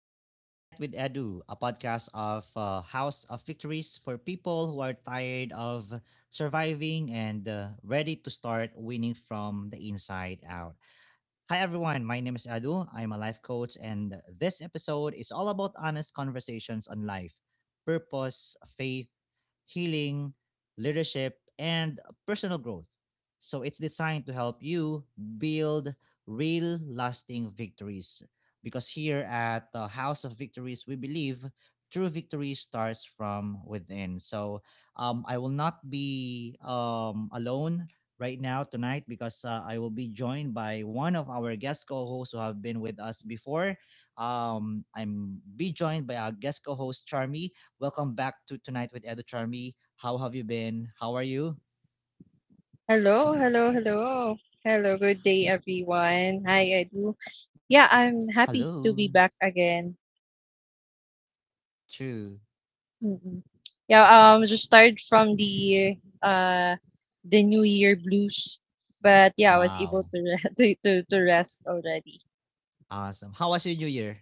Welcome to Tonight with Edu, a podcast of House of Victories for people who are tired of surviving and ready to start winning from the inside out. Hi, everyone. My name is Edu. I'm a life coach, and this episode is all about honest conversations on life, purpose, faith, healing, leadership, and personal growth. So it's designed to help you build real, lasting victories. Because here at the House of Victories, we believe true victory starts from within. So I will not be alone right now tonight, because I will be joined by one of our guest co-hosts who have been with us before. I'm be joined by our guest co-host Charmy. Welcome back to Tonight with Edo, Charmy. How have you been? How are you? Hello, hello, hello. Hello, good day, everyone. Hi, Edu. Yeah, I'm happy to Hello. be back again. True. Mm-mm. Yeah, just tired from the New Year blues, but yeah, I was Wow. able to re- to rest already. Awesome. How was your new year?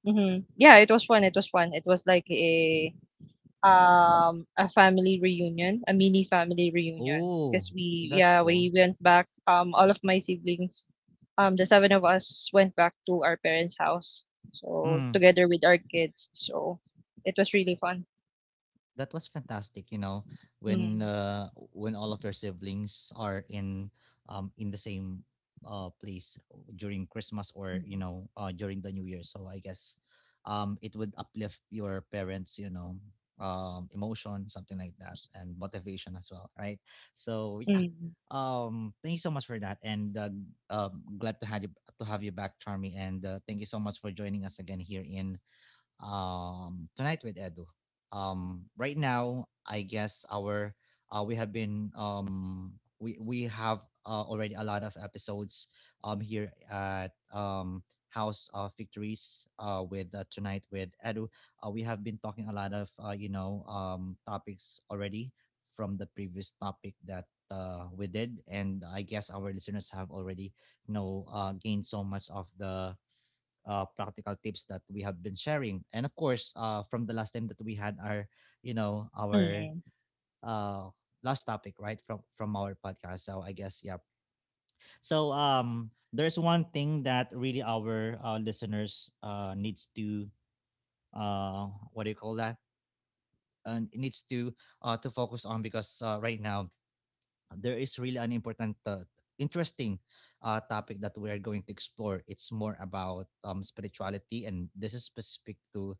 Mm-hmm. Yeah, it was fun. It was fun. It was like a family reunion, a mini family reunion. Oh, Because we that's yeah, cool. we went back, all of my siblings, the seven of us went back to our parents' house. So Mm. together with our kids. So it was really fun. That was fantastic. you know when Mm. uh, when all of your siblings are in the same place during Christmas, or Mm. During the new year, so I guess it would uplift your parents, you know, emotion, something like that, and motivation as well, right? So yeah. Mm, Thank you so much for that. And glad to have you, to have you back, Charmy. And thank you so much for joining us again here in Tonight with Edu. Right now, I guess our we have been we have already a lot of episodes here at House of Victories, with Tonight with Edu. We have been talking a lot of, topics already from the previous topic that we did, and I guess our listeners have already, gained so much of the practical tips that we have been sharing. And of course, from the last time that we had our mm, uh, last topic, right, from our podcast. So I guess, yeah. So there's one thing that really our listeners needs to uh, what do you call that? And it needs to, to focus on, because right now there is really an important, interesting topic that we are going to explore. It's more about spirituality, and this is specific to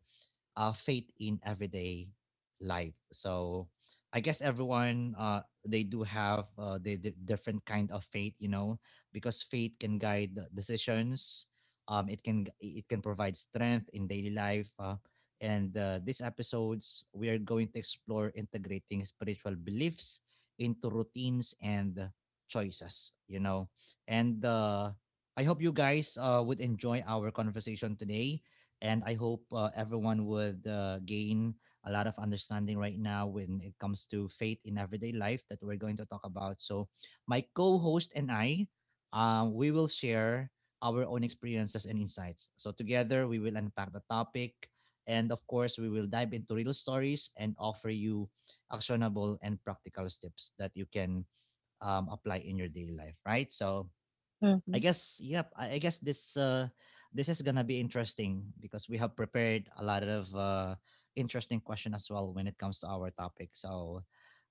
faith in everyday life. So I guess everyone they do have the different kind of faith, you know, because faith can guide the decisions. It can provide strength in daily life. And these episodes we are going to explore integrating spiritual beliefs into routines and choices. You know, and I hope you guys would enjoy our conversation today, and I hope everyone would gain a lot of understanding right now when it comes to faith in everyday life that we're going to talk about. So, my co host and I, we will share our own experiences and insights. So, together, we will unpack the topic. And of course, we will dive into real stories and offer you actionable and practical steps that you can, apply in your daily life, right? So, I mhm. guess, yep. I guess this is gonna be interesting, because we have prepared a lot of interesting question as well when it comes to our topic. So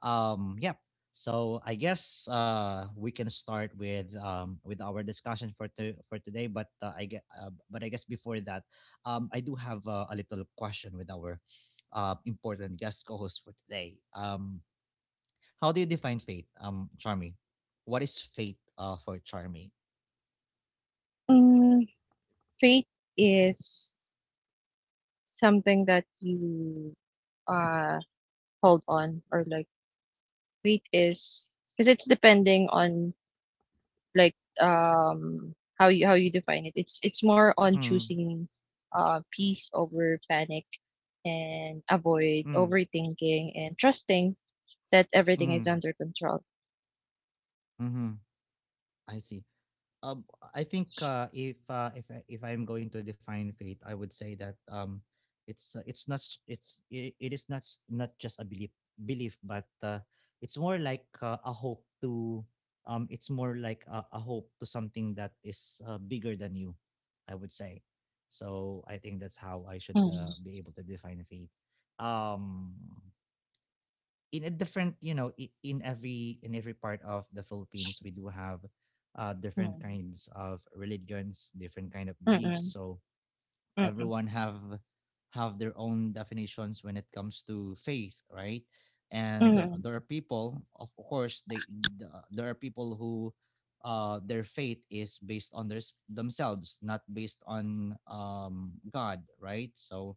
yep. So I guess we can start with, with our discussion for today. But I guess before that, I do have a little question with our important guest co-host for today. How do you define fate, Charmy? What is fate, for Charmy? Mm, faith is something that you uh hold on or like faith is because it's depending on like how you define it it's more on Hmm. choosing peace over panic and avoid Mm, overthinking and trusting that everything is mm, under control mhm. I see. Um, I think, if I'm going to define faith, I would say that it is not not just a belief, but it's more like a hope to— it's more like a hope to something that is bigger than you, I would say. So I think that's how I should Mm, be able to define faith. Um, in a different, in every part of the Philippines we do have different mm, kinds of religions, different kind of mm, beliefs, mm, so mm, everyone have their own definitions when it comes to faith, right? And mm, there are people, of course, there are people who, their faith is based on themselves, not based on God, right? So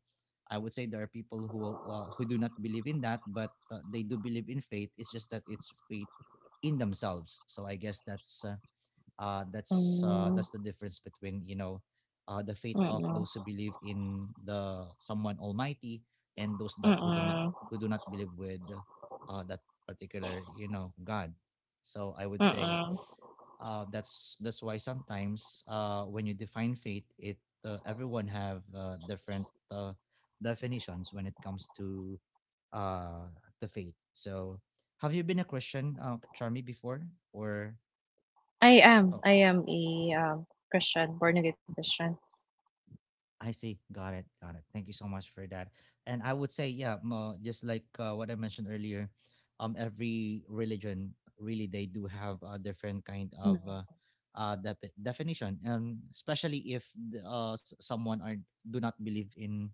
I would say there are people who do not believe in that, but they do believe in faith. It's just that it's faith in themselves. So I guess mm, that's the difference between, you know, the faith of mm, those who believe in the someone almighty, and those that who don't, mm, who do not believe with that particular, you know, god. So I would say mm. That's why sometimes when you define faith, it— everyone have different definitions when it comes to uh, the faith. So have you been a Christian, Charmy, before, or— i am uh, i am a um Christian, born again Christian. I see. Got it. Got it. Thank you so much for that. And I would say, yeah, just like what I mentioned earlier, every religion, really they do have a different kind of Mm. Definition, especially if someone are do not believe in,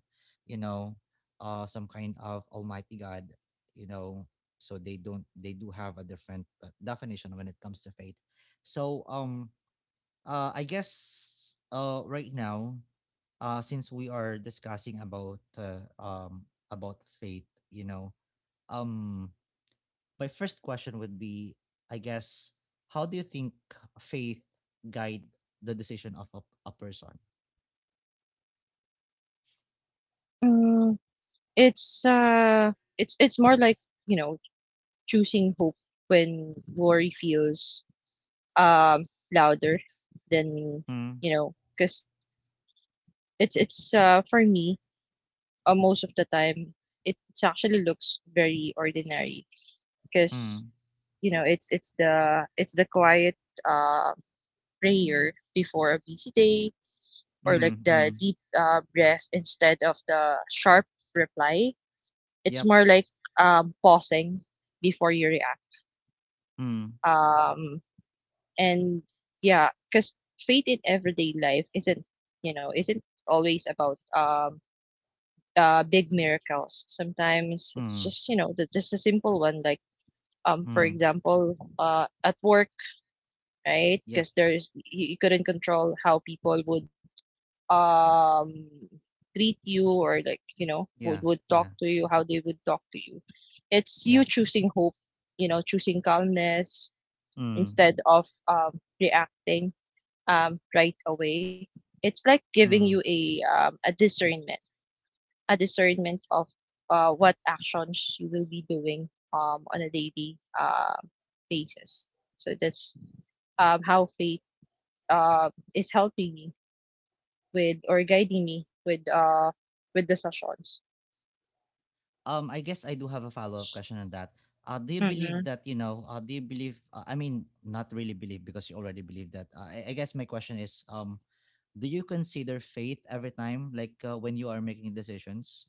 you know, some kind of Almighty God, you know, so they don't they do have a different definition when it comes to faith. So I guess right now, since we are discussing about faith, you know, um, my first question would be, I guess, how do you think faith guide the decision of a person? Mm, it's uh it's it's more like, you know, choosing hope when worry feels um louder than, Mm, you know, because it's for me, most of the time it actually looks very ordinary because, mm, you know, it's the quiet uh prayer before a busy day, or mm, like the mm. deep breath instead of the sharp reply. It's Yep. more like pausing before you react, Mm, um and yeah, because faith in everyday life isn't, you know, isn't always about big miracles. Sometimes it's mm, just, you know, just a simple one. Like, for mm. example, at work, right? Yep. Because you couldn't control how people would um treat you, or like, you know, Yeah. would talk Yeah. to you, how they would talk to you. It's you Yep. choosing hope, you know, choosing calmness Mm, instead of reacting right away. It's like giving mm. you a discernment of what actions you will be doing on a daily basis. So that's how faith is helping me with, or guiding me with, with decisions. I guess I do have a follow-up question on that. Do you believe that, Mm-mm, you know, do you believe, I mean, not really believe, because you already believe that. I guess my question is, do you consider faith every time, like, when you are making decisions?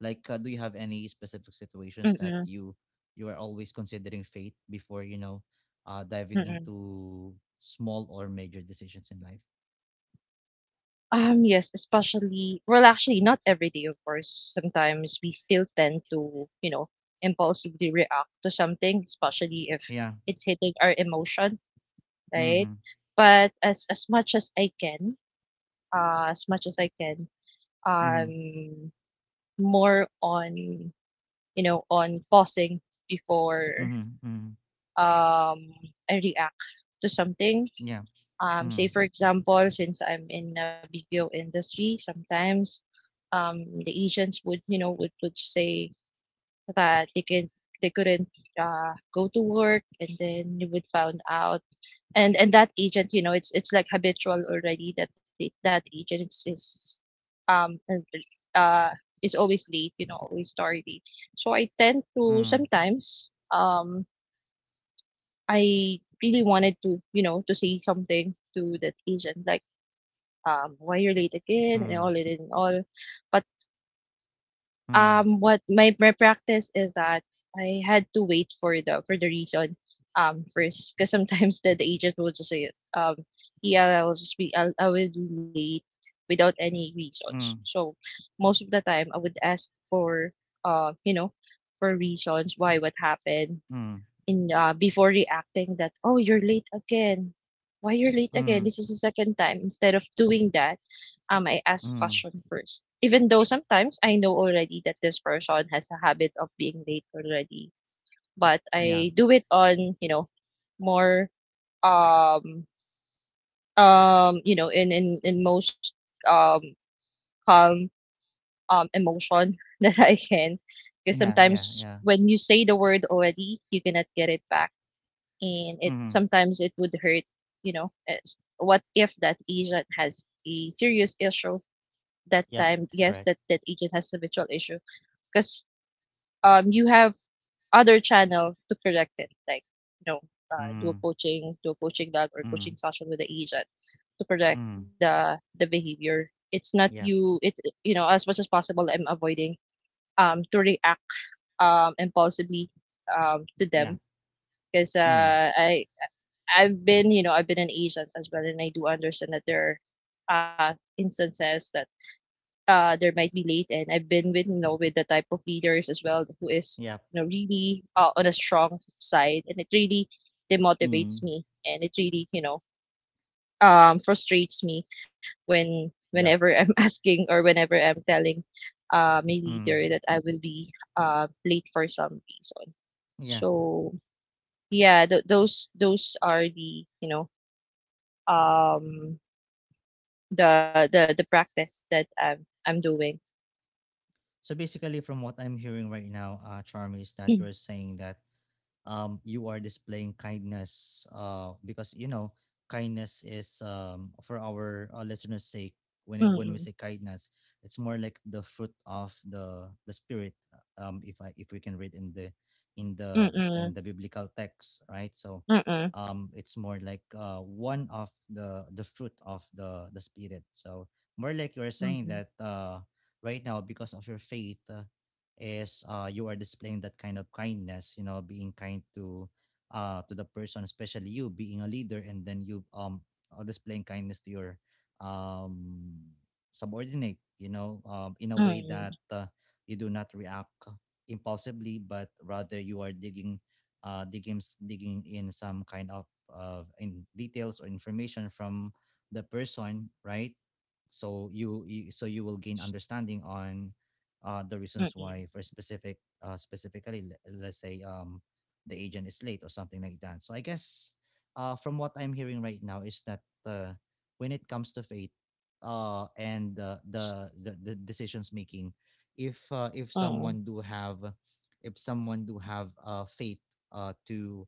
Like, do you have any specific situations that mm-mm, you are always considering faith before, you know, diving mm-mm. into small or major decisions in life? Yes. Especially, not every day, of course. Sometimes we still tend to, you know, impulsively react to something, especially if Yeah. it's hitting our emotion, Mm-hmm. right? But as much as I can, uh, as much as I can, Mm-hmm. um, more on, you know, on pausing before Mm-hmm. Mm-hmm. um I react to something. Yeah. Mm-hmm. Say for example, since I'm in a BPO industry, sometimes the agents would, you know, would say that they couldn't go to work, and then you would found out, and that agent, you know, it's like habitual already, that that agent um and, uh is always late, you know, always tardy. So I tend Mm-hmm. to sometimes I really wanted to, you know, to say something to that agent like, why you're late again and Mm-hmm. all and all. But Mm-hmm. What my practice is that I had to wait for the reason first, because sometimes the agent will just say, um yeah, I will just I will be late without any reasons. So most of the time I would ask for you know, for reasons, why, what happened Mm-hmm. in, before reacting that, oh, you're late again, why you're late Mm, again, this is the second time. Instead of doing that, I ask mm, question first, even though sometimes I know already that this person has a habit of being late already. But yeah. I do it on, you know, more um you know, in in most um calm emotion that I can, because Yeah, yeah, yeah. sometimes when you say the word already, you cannot get it back, and it Mhm. sometimes it would hurt, you know. What if that agent has a serious issue that Yep, time? Yes, correct. that that agent has a virtual issue. Because you have other channel to correct it, like, you know, Mm, do a coaching log or mm, coaching session with the agent to correct mm. The behavior. It's not Yep, you, it, you know, as much as possible, I'm avoiding to react impulsively to yeah. them, because Mm, I've been, you know, I've been an agent as well, and I do understand that there are instances that there might be late. And I've been with, you know, with the type of leaders as well who is, you yep. know, really on a strong side, and it really demotivates Mm, me, and it really, you know, frustrates me when whenever yep. I'm asking, or whenever I'm telling my leader Mm, that I will be late for some reason. yeah. So yeah, those are the, you know, um the the practice that I'm doing. So basically, from what I'm hearing right now, Charmy, is that you're saying that, you are displaying kindness, because, you know, kindness is, for our listeners' sake. When Mm, we say kindness, it's more like the fruit of the spirit. If I— if we can read in the Mm-mm. biblical text, right? So, Mm-mm. It's more like one of the fruit of the spirit. So, more like you're saying Mm-mm. that, right now, because of your faith, is you are displaying that kind of kindness, you know, being kind to the person, especially you being a leader, and then you displaying kindness to your um subordinate, you know, in a way Mm-mm. that you do not react impulsively, but rather you are digging— digging in some kind of, in details or information from the person, right? So you will gain understanding on the reasons Mm-mm. why, for specifically let's say the agent is late, or something like that. So I guess from what I'm hearing right now is that, when it comes to faith, and the decisions making, if uh, if Mm-mm. someone do have if someone do have faith, uh, to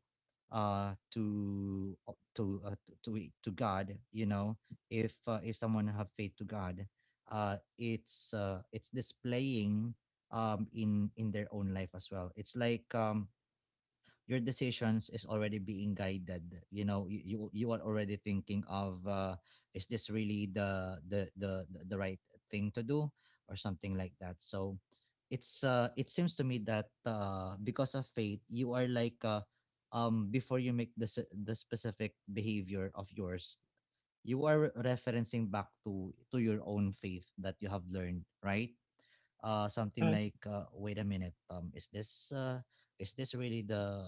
uh, to uh, to, uh, to god, you know, if someone have faith to god, it's displaying, in their own life as well. It's like, your decisions is already being guided. You know, you are already thinking of, is this really the right thing to do, or something like that. So it seems to me that, because of faith, you are like, before you make the specific behavior of yours, you are referencing back to your own faith that you have learned, right? Something Mm-mm. like, "Wait a minute, is this, is this really the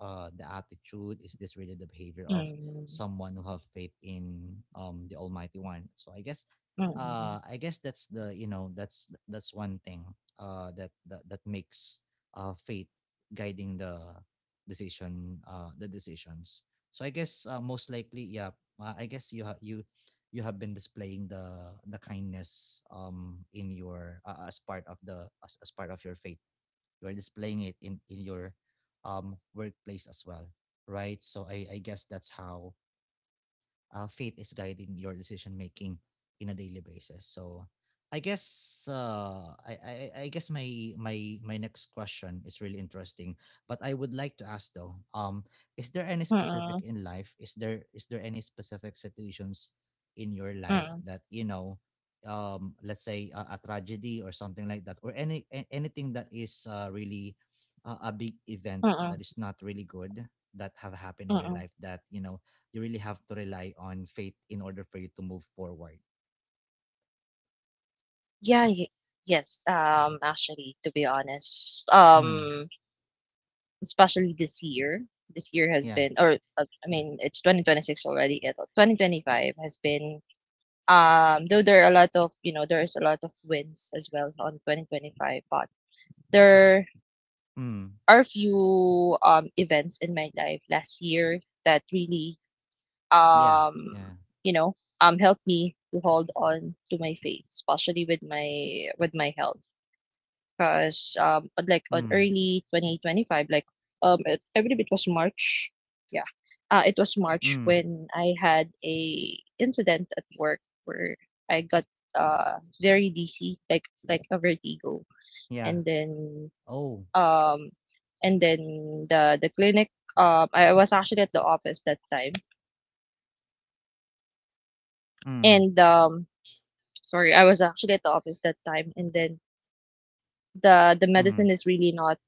uh, the attitude? Is this really the behavior of Mm-mm. someone who have faith in the Almighty One?" So I guess, Mm-mm. uh, I guess that's the you know that's one thing that that makes faith guiding the decisions. So I guess most likely, yeah, I guess you you have been displaying the kindness in your as part of the as part of your faith. You are displaying it in your workplace as well, right? So I guess that's how faith is guiding your decision making in a daily basis. So I guess I guess my next question is really interesting, but I would like to ask, though. Is there any specific Mm-mm. in life? Is there any specific situations in your life Mm-mm. that, you know, let's say a tragedy or something like that, or any anything that is really a big event that Mm-mm. is not really good, that have happened in your Mm-mm. life that, you know, you really have to rely on faith in order for you to move forward. Yeah, y- yes. Actually, to be honest, Mm. Especially this year has Yeah. been, or I mean, it's 2026 already. It 2025 has been, though there are a lot of, you know, there's a lot of wins as well on 2025, but there Mm. are a few events in my life last year that really Yeah. Yeah. um, helped me to hold on to my faith, especially with my health. Because Mm. like on early 2025, like, I believe it was March. Yeah, it was Mm. March when I had a incident at work where I got very dizzy, like a vertigo. Yeah. And then Oh. um the clinic, I was actually at the office that time, Mm. and sorry I was actually at the office that time, and then the Mm. medicine is really not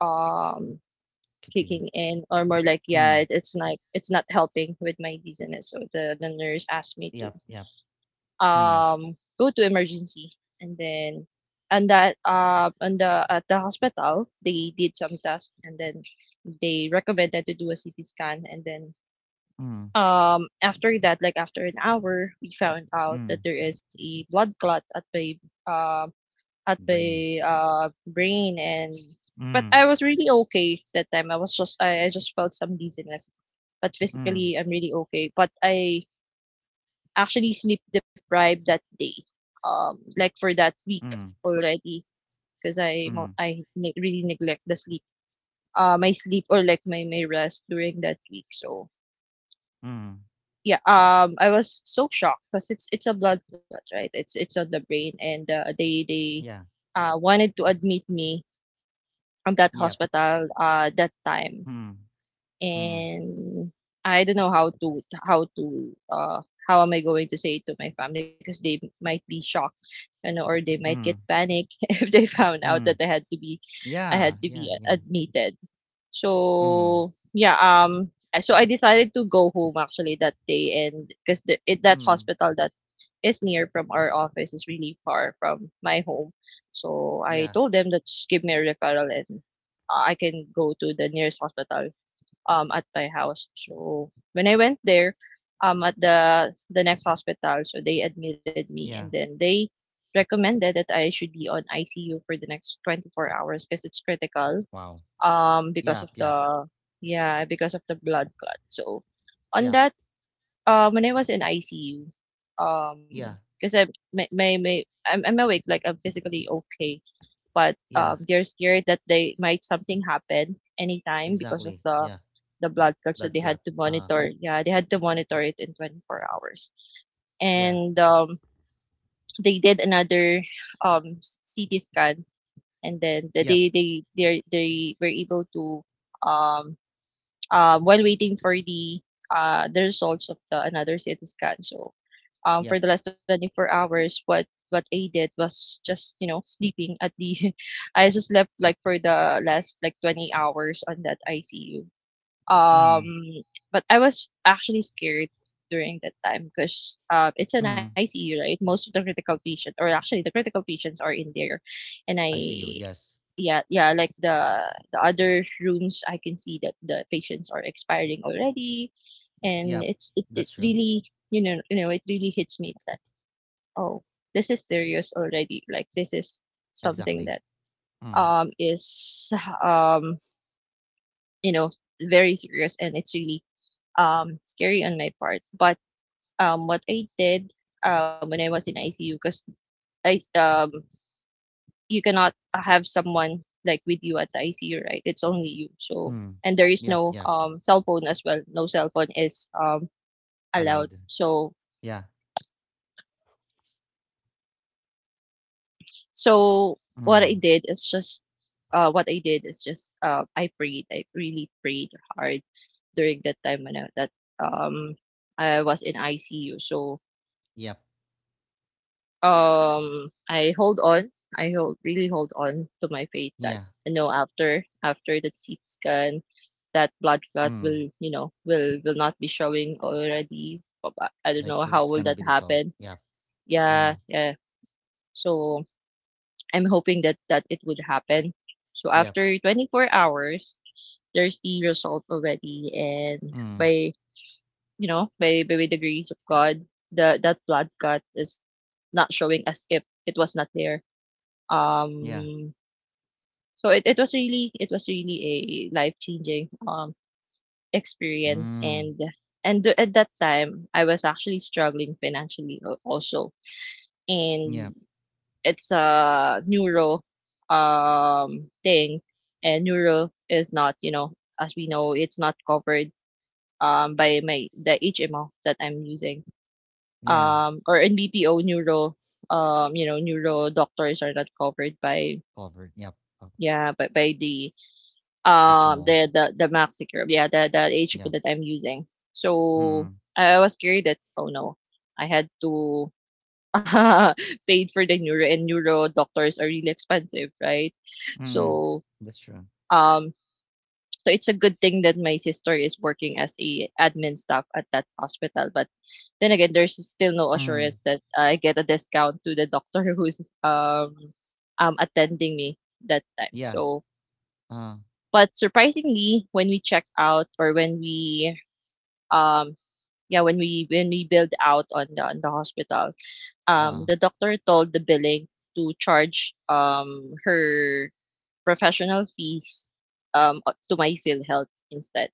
um Kicking. kicking in, or more like, Mm. yeah, it's like it's not helping with my dizziness. So the nurse asked me Yep. to Yep. Mm. Go to emergency. And then and that on the at the hospital they did some tests, and then they recommended to do a CT scan. And then Mm. After that, like after an hour, we found out Mm. that there is a blood clot at my uh Brain. Brain. And but Mm. I was really okay that time. I was just I just felt some dizziness. But Mm. physically I'm really okay. But I actually sleep deprived that day. Like for that week Mm. already, because I Mm. mo- I ne- really neglect the sleep. My sleep, or like my rest during that week. So Mm. yeah, I was so shocked because it's a blood clot, right? It's on the brain. And they Yeah. Wanted to admit me on that Yep. hospital that time. Mm. Mm. And I don't know how to how am I going to say it to my family, because they might be shocked, you know, or they might get Mm. panic if they found out Mm. that I Yeah. had to Yeah. be Yeah. Admitted. Mm. So yeah, so I decided to go home actually that day. And because that Mm. hospital that is near from our office is really far from my home. So I Yeah. told them that just give me a referral, and I can go to the nearest hospital at my house. So when I went there at the next hospital, so they admitted me, and Yeah. then they recommended that I should be on ICU for the next 24 hours because it's critical, Wow. Because of Yep. Yep. the yeah, because of the blood clot. So on Yep. that, when I was in ICU, Yeah. because I my may I'm awake, like I'm physically okay, but Yeah. they're scared that they might something happen anytime because of Exactly. Yeah. the blood clot. So they Blood had clot. to Uh, monitor. Yeah, they had to monitor it in 24 hours. yeah. And they did another CT scan. And then Yep. They were able to um while waiting for the results of the another CT scan. So for the Yep. last 24 hours, what I did was just, you know, sleeping at the I just slept like for the last like 20 hours on that ICU. Um, Mm, but I was actually scared during that time because it's an mm. ICU, right? Most of the critical patient, or actually the critical patients, are in there, and I, RCU. Yes. yeah, yeah, like the other rooms, I can see that the patients are expiring already, and Yep. it's it, it That's true. really you know it really hits me that, oh, this is serious already, like this is something that Exactly. Mm, is, um you know very serious, and it's really scary on my part. But what I did, when I was in ICU, because i s- um you cannot have someone like with you at the ICU, right? It's only you. So. mm. And there is Yep. no Yep. Cell phone as well. No cell phone is allowed. Allowed. So, Yeah. so what I Mm. did is just what I did is just, I prayed. I really prayed hard during that time when um I was in ICU. So Yep. I hold on. I hold, really hold on to my faith that, Yeah. you know after after the CT scan, that blood clot will, Mm. Not be showing already. But I don't know Like how it's will that gonna be dissolved. happen. Yep. Yeah, Uh. yeah. So I'm hoping that it would happen. So Yep. after 24 hours, there's the result already, and, Mm. by you know by the grace of God, the that blood clot is not showing, as if it was not there. Yeah. um so, it was really a life changing experience. And, Mm. At that time, I was actually struggling financially, also, and Yep. it's a neuro thing, and neuro is not, as we know, it's not covered by my the HMO that I'm using, Yeah. Or NBPO neuro, neuro doctors are not covered by. Covered. Yep. Uh, Yeah. But by the, HMO. The maxi curve, yeah, the hp Yep. that I'm using. So Mm, I was scared that, oh no, I had to paid for the neuro, and neuro doctors are really expensive, right? mm. So. That's true. um so it's a good thing that my sister is working as a admin staff at that hospital, but then again, there's still no assurance Mm. that I get a discount to the doctor who's attending me that time. Yeah. So. Uh. But surprisingly, when we check out, or when we, um yeah, when we, build out on the hospital, the Uh. doctor told the billing to charge her professional fees, to my field health instead.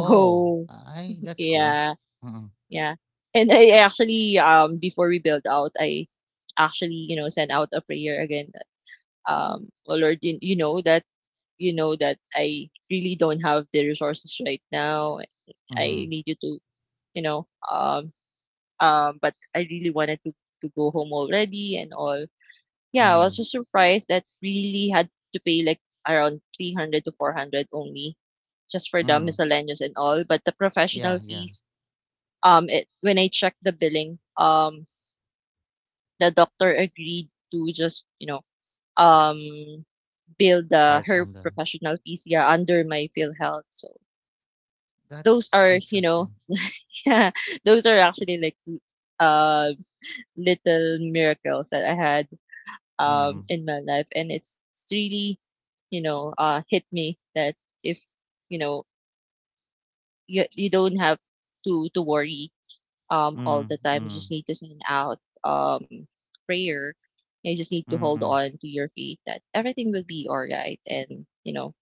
Oh. I. That's cool. Yeah, Mm. yeah. And I actually, before we build out, I actually, sent out a prayer again. That, oh Lord, you, know that, I really don't have the resources right now. I Mhm. need you to, you know, um, but I really wanted to, go home already and all. Yeah, I was Mhm. just surprised that really had to pay like around 300 to 400 only, just for the Mhm. miscellaneous and all. But the professional Yeah, yeah. fees, it, when I checked the billing, the doctor agreed to just, um, bill the Charts her on the. professional fees, yeah, under my PhilHealth. So those That's are, interesting. those are actually like, uh, little miracles that I had Mm, in my life, and it's, really, hit me that, if, you know you don't have to worry all mm, the time, you just mm, need to send out um prayer. You just need to hold mm, on to your faith that everything will be all right, and,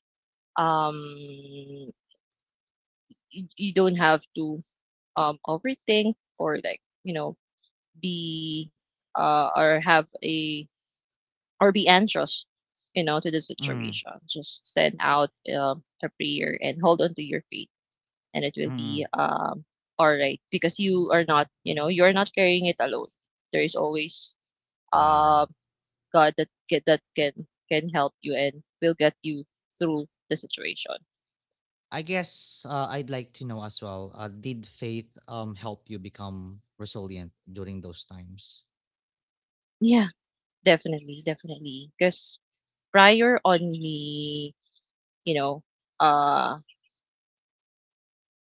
um, you, don't have to overthink, or like, be, or have a, or be anxious, to the mm, situation, just send out, a prayer and hold on to your faith, and it will be mm. All right, because you are not, you're not carrying it alone. There is always uh Wow. God that can help you, and will get you through the situation. I guess I'd like to know as well. Did faith help you become resilient during those times? Yeah, definitely, because, prior on me, you know uh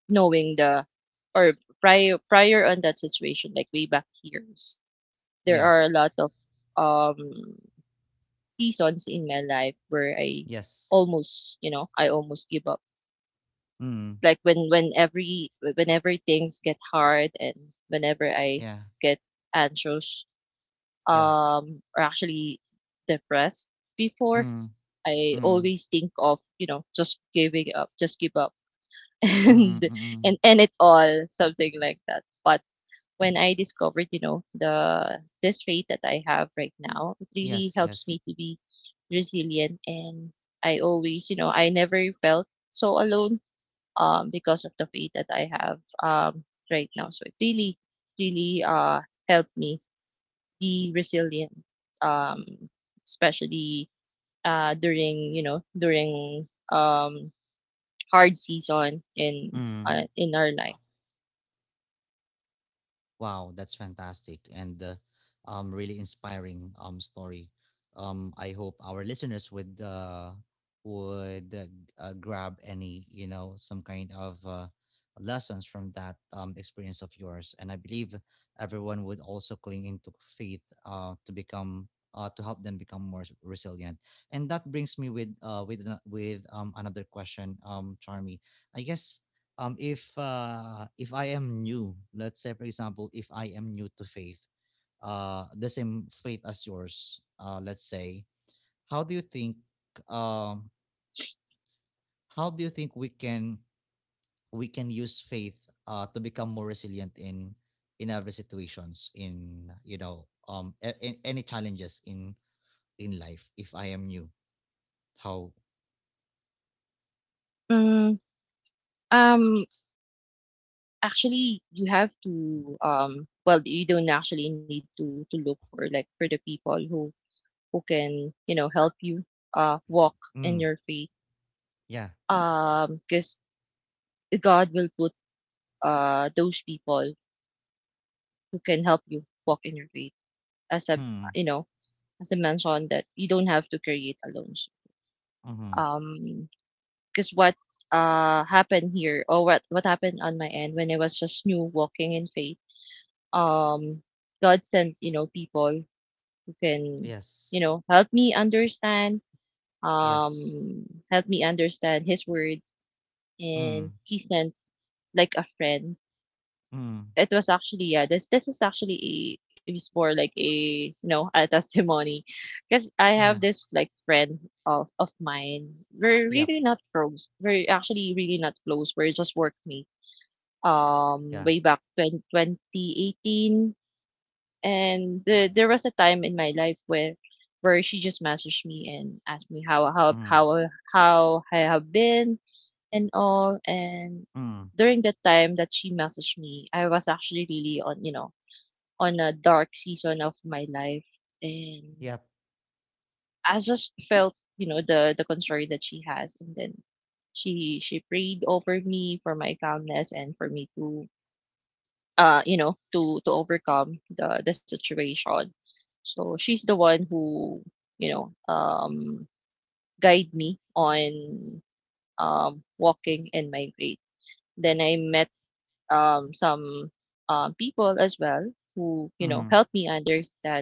knowing the, or, prior on that situation, like way back years, there Yeah. are a lot of um seasons in my life where, Yes. I almost give up. Mm. Like when every whenever things get hard, and whenever I Yeah. get anxious, Yeah. Or actually depressed before, Mm. I Mm. always think of, just giving up, just give up, and, Mm. Mm. Mm. end it all, something like that. But when I discovered, the this faith that I have right now, it really Yes. helps me Yes. to be resilient. And, I always, you know, I never felt so alone, because of the faith that I have right now. So it really, really helped me be resilient. Um Especially during, during hard season in, Mm. In our life. Wow, that's fantastic and really inspiring story. I hope our listeners would grab any, you know, some kind of lessons from that experience of yours, and I believe everyone would also cling into faith, to help them become more resilient. And that brings me with another question, Charmy. I guess if I am new, let's say, for example, if I am new to faith, the same faith as yours, let's say, how do you think um how do you think we can use faith to become more resilient in every situations in, you know, in any challenges in life if I am new, how? Mm. um Actually, you have to well, you don't actually need to look for like for the people who, can, help you walk in Mm. your faith. Yeah. Because God will put those people who can help you walk in your faith. As a Mm. you know, as I mentioned, that you don't have to create alone. Mm-hmm. Um because, what happened here, or what happened on my end when I was just new walking in faith, um God sent, people can, Yes. Help me understand, Yes. um, his word. Mm. And he sent like a friend. Mm. It was actually, yeah, this, is actually, a it was more like a, a testimony. Because I have Yeah. this like friend of, mine. We're Yep. really not close. We're actually really not close. We're just workmate. Yeah. Way back 2018. And there was a time in my life where, she just messaged me and asked me, Mm. How I have been and all. And Mm. during that time that she messaged me, I was actually really on, a dark season of my life, and Yep. I just felt, the concern that she has, and then she, prayed over me for my calmness and for me, to you know, to overcome the situation. So she's the one who, you know, um, guide me on, walking in my faith. Then I met, some, people as well, who, Mm. helped me understand,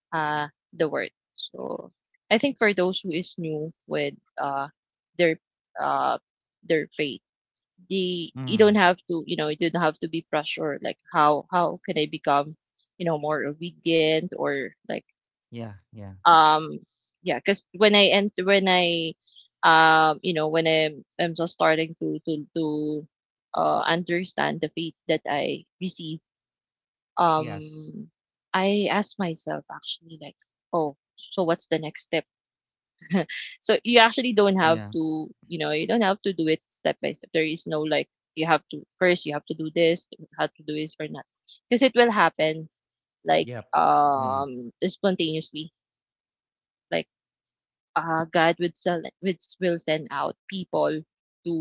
uh, the word. So I think, for those who is new with, their uh, their faith, the you don't Mm. have to, you don't have to be pressured. Like, how can I become, more obedient, or like, Yeah, yeah. um yeah, because, when I and when I you know when I'm, just starting, to understand the faith that I receive, Yes. um I ask myself actually, like, oh, so what's the next step? So you actually don't have Yeah. to, you don't have to do it step by step. There is no like, you have to first, you have to do this, have to do this, or not, because it will happen like, Yep. Mm. Spontaneously. Like, God would sell, would will send out people to,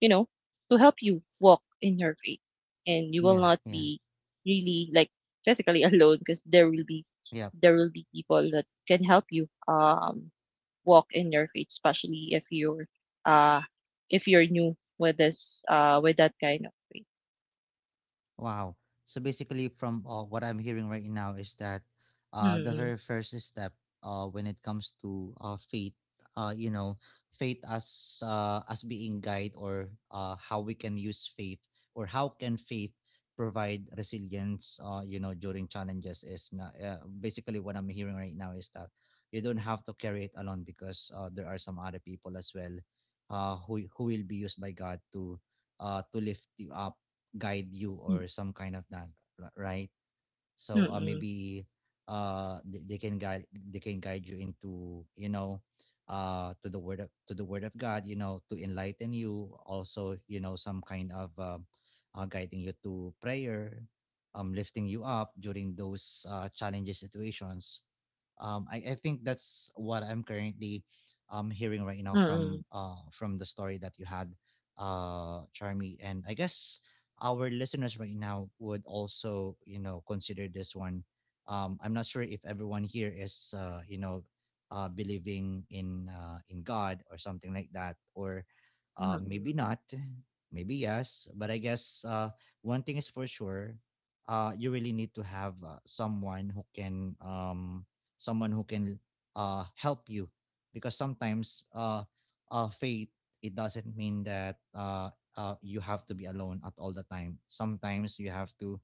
help you walk in your faith, and you will Yeah, not yeah. be really, like, physically alone, because there will be, Yep. People that can help you. Walk in your faith, especially, uh if you're new with, this with that kind of faith. Wow. So basically, from what I'm hearing right now is that the Mm. very first step when it comes to faith, uh, you know, faith as being guide, or how we can use faith, or how can faith provide resilience, during challenges is not, basically what I'm hearing right now is that you don't have to carry it alone, because there are some other people as well who will be used by God to lift you up, guide you, Mm. or some kind of that, right? So Mm. maybe they can guide, they can guide you into, you know, to the word of, to the word of God, you know, to enlighten you also, you know, some kind of guiding you to prayer, lifting you up during those challenging situations. I think that's what I'm currently hearing right now Mm. From the story that you had, Charmy. And I guess our listeners right now would also, you know, consider this one. I'm not sure if everyone here is, believing in God or something like that, or maybe Mm. not, maybe yes. But I guess one thing is for sure. You really need to have someone who can help you, because sometimes faith, it doesn't mean that you have to be alone at all the time. Sometimes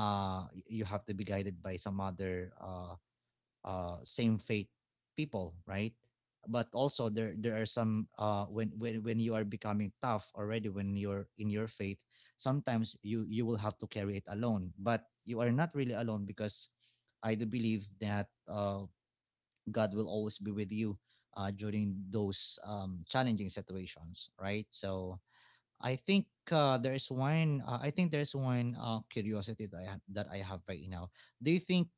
you have to be guided by some other same faith people, right? But also there are some when when you are becoming tough already, when you're in your faith, sometimes you will have to carry it alone, but you are not really alone because I do believe that God will always be with you during those challenging situations, right? So I think there is one. I think there's one curiosity that I have, right now. Do you think?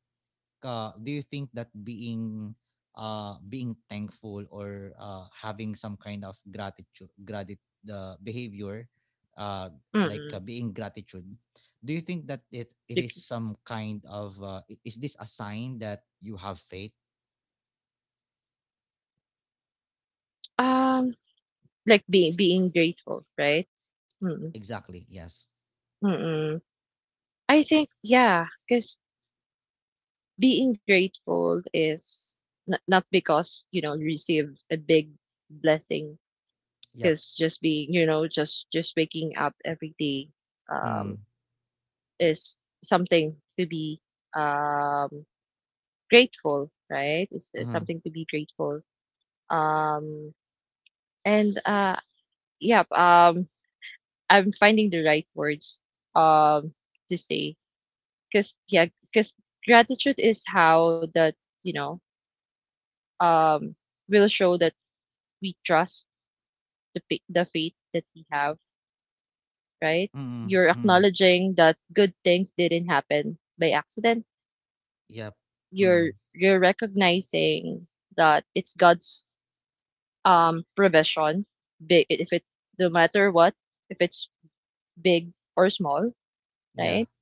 Do you think that being being thankful, or having some kind of gratitude, behavior, uh, like Mm. being gratitude, do you think that it is Bec- some kind of is this a sign that you have faith? Um, like being grateful, right? Mm. Exactly. Yes. Mm. I think, yeah, because being grateful is, not because, you receive a big blessing, Yep. because just being, just, waking up every day, Mm. um. is something to be, um, grateful, right? It's Uh-huh. something to be grateful. Um, and yeah, I'm finding the right words, um, to say, because, yeah, because gratitude is how that, you know um, will show that we trust, the faith that we have, right? Mm, You're mm. acknowledging that good things didn't happen by accident. Yep. You're, Mm. Recognizing that it's God's provision, big, if it no matter what, if it's big or small, Yeah. right?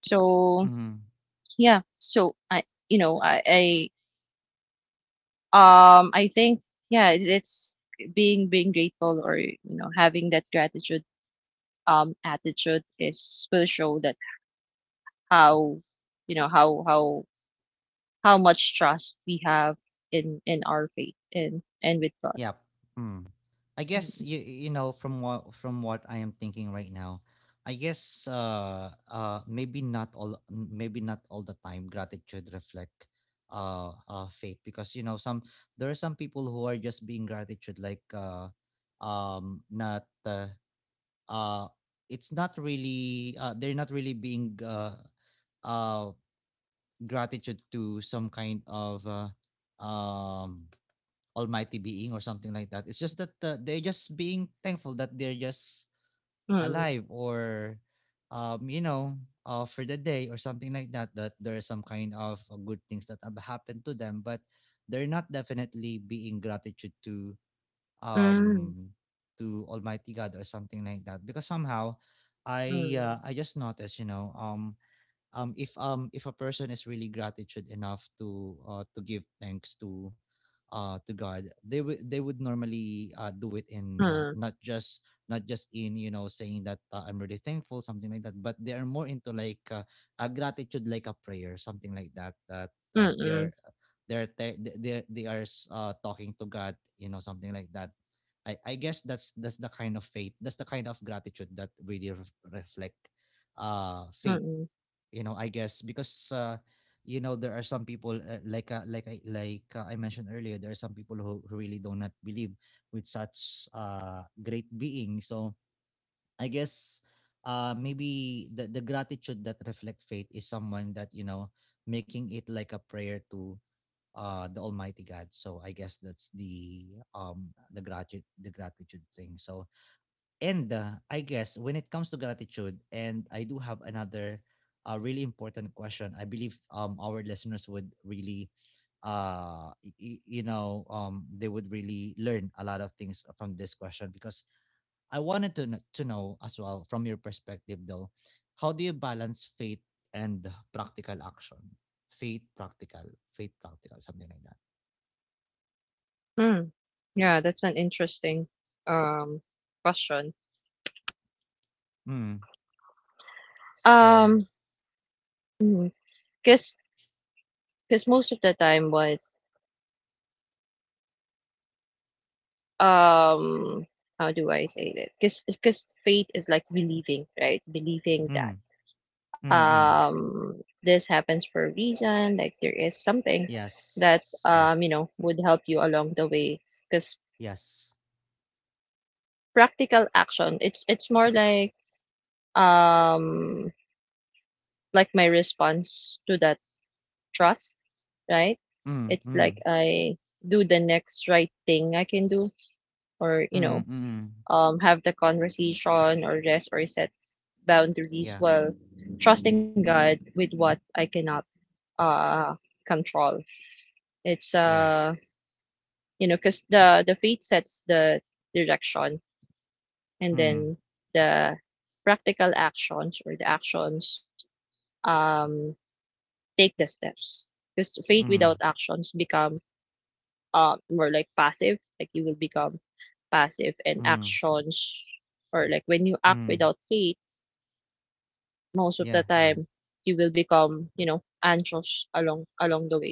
So, Mm. yeah, so, I you know I think, yeah, it, it's being, grateful, or, having that gratitude attitude is, will show that how, you know how how how much trust we have, in our faith, and, with God. Yep. Mm. I guess you Mm-hmm. you know from what I am thinking right now, I guess maybe not all, the time gratitude reflect faith, because you know some, there are some people who are just being gratitude, like not uh it's not really they're not really being uh gratitude to some kind of um almighty being or something like that. It's just that they're just being thankful that they're just Mm, alive, or you know, for the day or something like that, that there are some kind of good things that have happened to them, but they're not definitely being gratitude mm, um to almighty God or something like that, because somehow mm, I just noticed, you know, if a person is really gratitude enough to give thanks to God, they would, they would normally do it in, mm, not just, not just in, you know, saying that I'm really thankful something like that, but they are more into like a gratitude like a prayer, something like that, that mm, they are, mm, they are talking to God, you know, something like that. I guess that's the kind of faith, that's the kind of gratitude that really reflect mm. faith, you know. I guess because you know, there are some people I mentioned earlier, there are some people who really do not believe with such great being, so I guess maybe the gratitude that reflect faith is someone that, you know, making it like a prayer to the almighty God, so I guess that's the gratitude, the gratitude thing. So, and I guess when it comes to gratitude, and I do have another really important question. I believe our listeners would really you know, they would really learn a lot of things from this question, because I wanted to to know as well from your perspective, though, how do you balance faith and practical action? Faith, practical, faith, practical, something like that. Mm. Yeah, that's an interesting um question. Mm. So, Um, mm, cause cause most of the time, what, um, how do I say that? Cause faith is like believing, right? Believing mm, that, mm, mm. um this happens for a reason. Like there is something that, Yes, yes, would help you along the way. Cause yes. practical action, it's, more like, um like my response to that trust, right? Mm, It's like mm, I do the next right thing I can do, or, mm, mm. Have the conversation, or rest, or set boundaries, Yeah, while trusting God with what I cannot uh control. It's yeah. Cause the faith sets the direction, and Mm, then the practical actions or the actions um take the steps because faith without mm, actions become more like passive, like you will become passive. And mm, actions, or like when you act mm. without faith most of the Yeah, yeah. time you will become anxious along the way,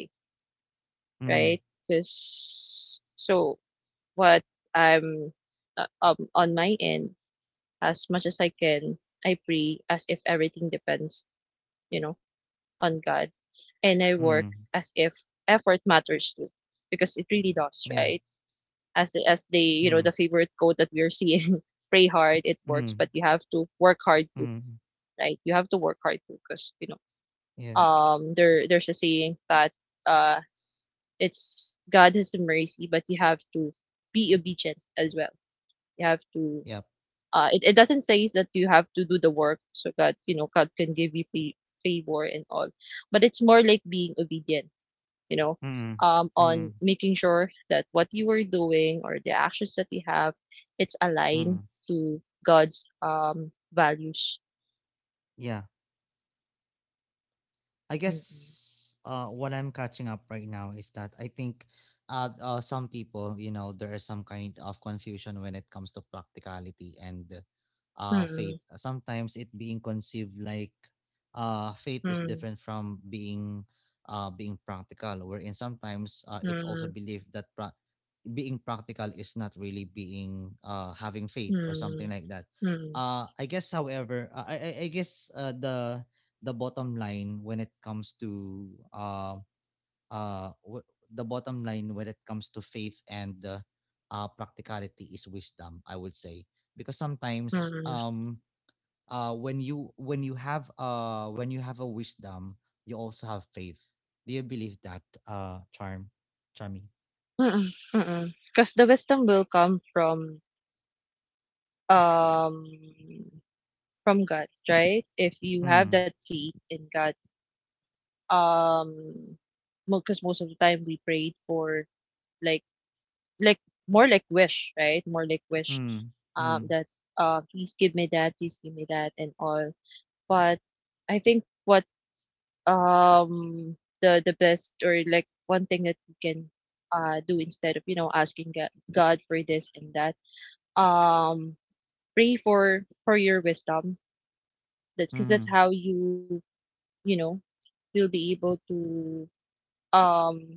right? Mm, because so What I'm on my end, as much as I can, I pray as if everything depends, on God, and I work as if mm. effort matters too, because it really does, right? Yeah. As the the Mm, favorite quote that we're seeing, pray hard, it works, but you mm, have to work hard too, mm. right? You have to work hard too, because Yeah. There there's a saying that uh it's God has mercy, but you have to be obedient as well. You have to Yep. It doesn't say that you have to do the work so that God can give you favor and all, but it's more like being obedient, you know, Mm, mm, on making sure that what you are doing, or the actions that you have, it's aligned mm. to God's values. Yeah. I Mm-mm. guess what I'm catching up right now is that I think some people, you know, there is some kind of confusion when it comes to practicality and faith. Mm-mm. Sometimes it being conceived like faith is different from being being practical, wherein sometimes it's also Mm-mm. believed that being practical is not really being having faith or something Mm-mm. like that. Mm-mm. Mm-mm. However, I guess the bottom line when it comes to uh uh w- the bottom line when it comes to faith and practicality is wisdom, I would say, because sometimes Mm-mm. When you, when you have a wisdom, you also have faith. Do you believe that, uh charm Charmy? Mm-mm. Mm-mm. Because the wisdom will come um from God, right? If you have Hmm. that faith in God, um, because most of the time we prayed for like like more like wish, right? More like wish, Hmm. Hmm. That please give me that, please give me that, and all. But I think what the best or like one thing that you can do instead of, you know, asking God for this and that, um pray for your wisdom. That's because that's Mhm. how you, you know, you'll be able to um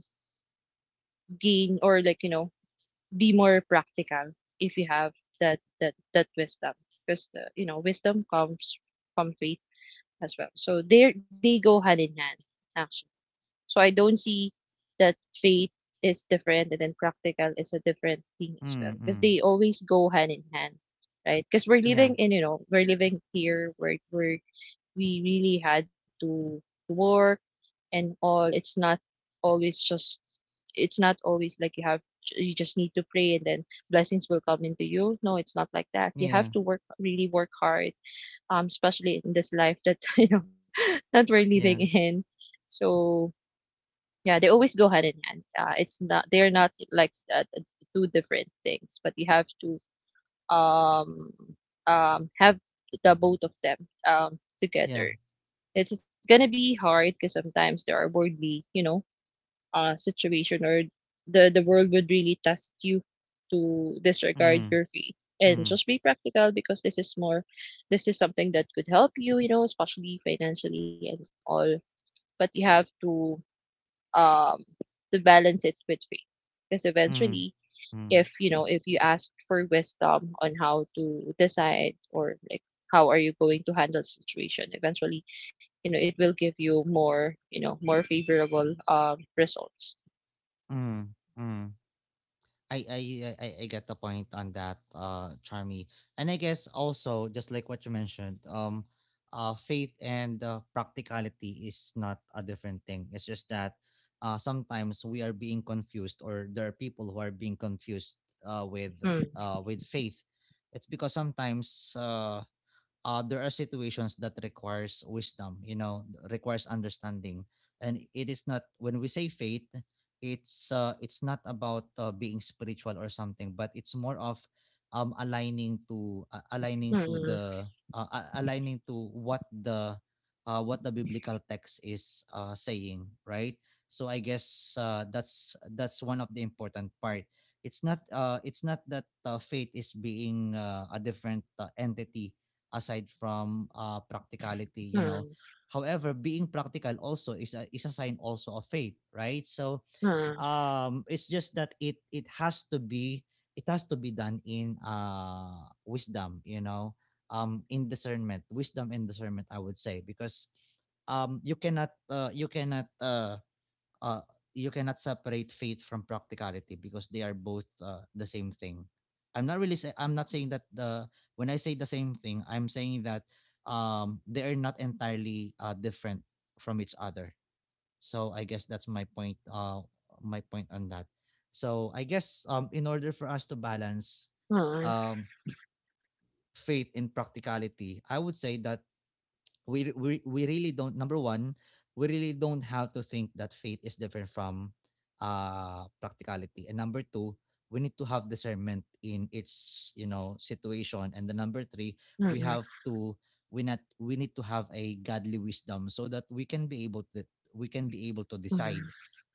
gain, or like, you know, be more practical if you have that wisdom, because the wisdom comes from faith as well, so they go hand in hand actually. So I don't see that faith is different and then practical is a different thing as well, Mm, because mm. they always go hand in hand, right? Because we're Yeah, living in, you know, we're living here where we really had to work and all. It's not always just, it's not always like you have, you just need to pray and then blessings will come into you. No, it's not like that. You yeah, have to work, really work hard, especially in this life that you know that we're living yeah, in. So yeah, they always go hand in hand. It's not, they're not like two different things, but you have to um have the both of them yeah. together. It's gonna be hard because sometimes there are worldly, you know, situation, or the world would really test you to disregard Mm, your faith and mm, just be practical because this is more, this is something that could help you, you know, especially financially and all. But you have um to balance it with faith, because mm, eventually, mm, if you know, if you ask for wisdom on how to decide, or like how are you going to handle situation, eventually, you know, it will give you more, you know, more favorable results. mm, mm. I, I I get the point on that, Charmy. And I guess also just like what you mentioned, faith and practicality is not a different thing. It's just that, sometimes we are being confused, or there are people who are being confused, uh, with Hmm. With faith. It's because sometimes there are situations that requires wisdom, you know, requires understanding. And it is not when we say faith, it's not about being spiritual or something, but it's more of aligning to Mm, aligning to what the biblical text is saying, right? So I guess that's one of the important part. It's not it's not that faith is being a different entity aside from practicality, you know. mm, However, being practical also is is a sign also of faith, right? So mm, it's just that it has to be, it has to be done in wisdom, you know, in discernment, wisdom and discernment, I would say, because you cannot uh, you cannot separate faith from practicality because they are both the same thing. I'm not saying that the, when I say the same thing, I'm saying that they are not entirely different from each other. So I guess that's my point. My point on that. So I guess in order for us to balance mm, um, faith in practicality, I would say that we really don't, number one, we really don't have to think that faith is different from practicality, and number two, we need to have discernment in its, you know, situation, and the number three, mm, we mm, have to we not we need to have a godly wisdom so that we can be able to mm, decide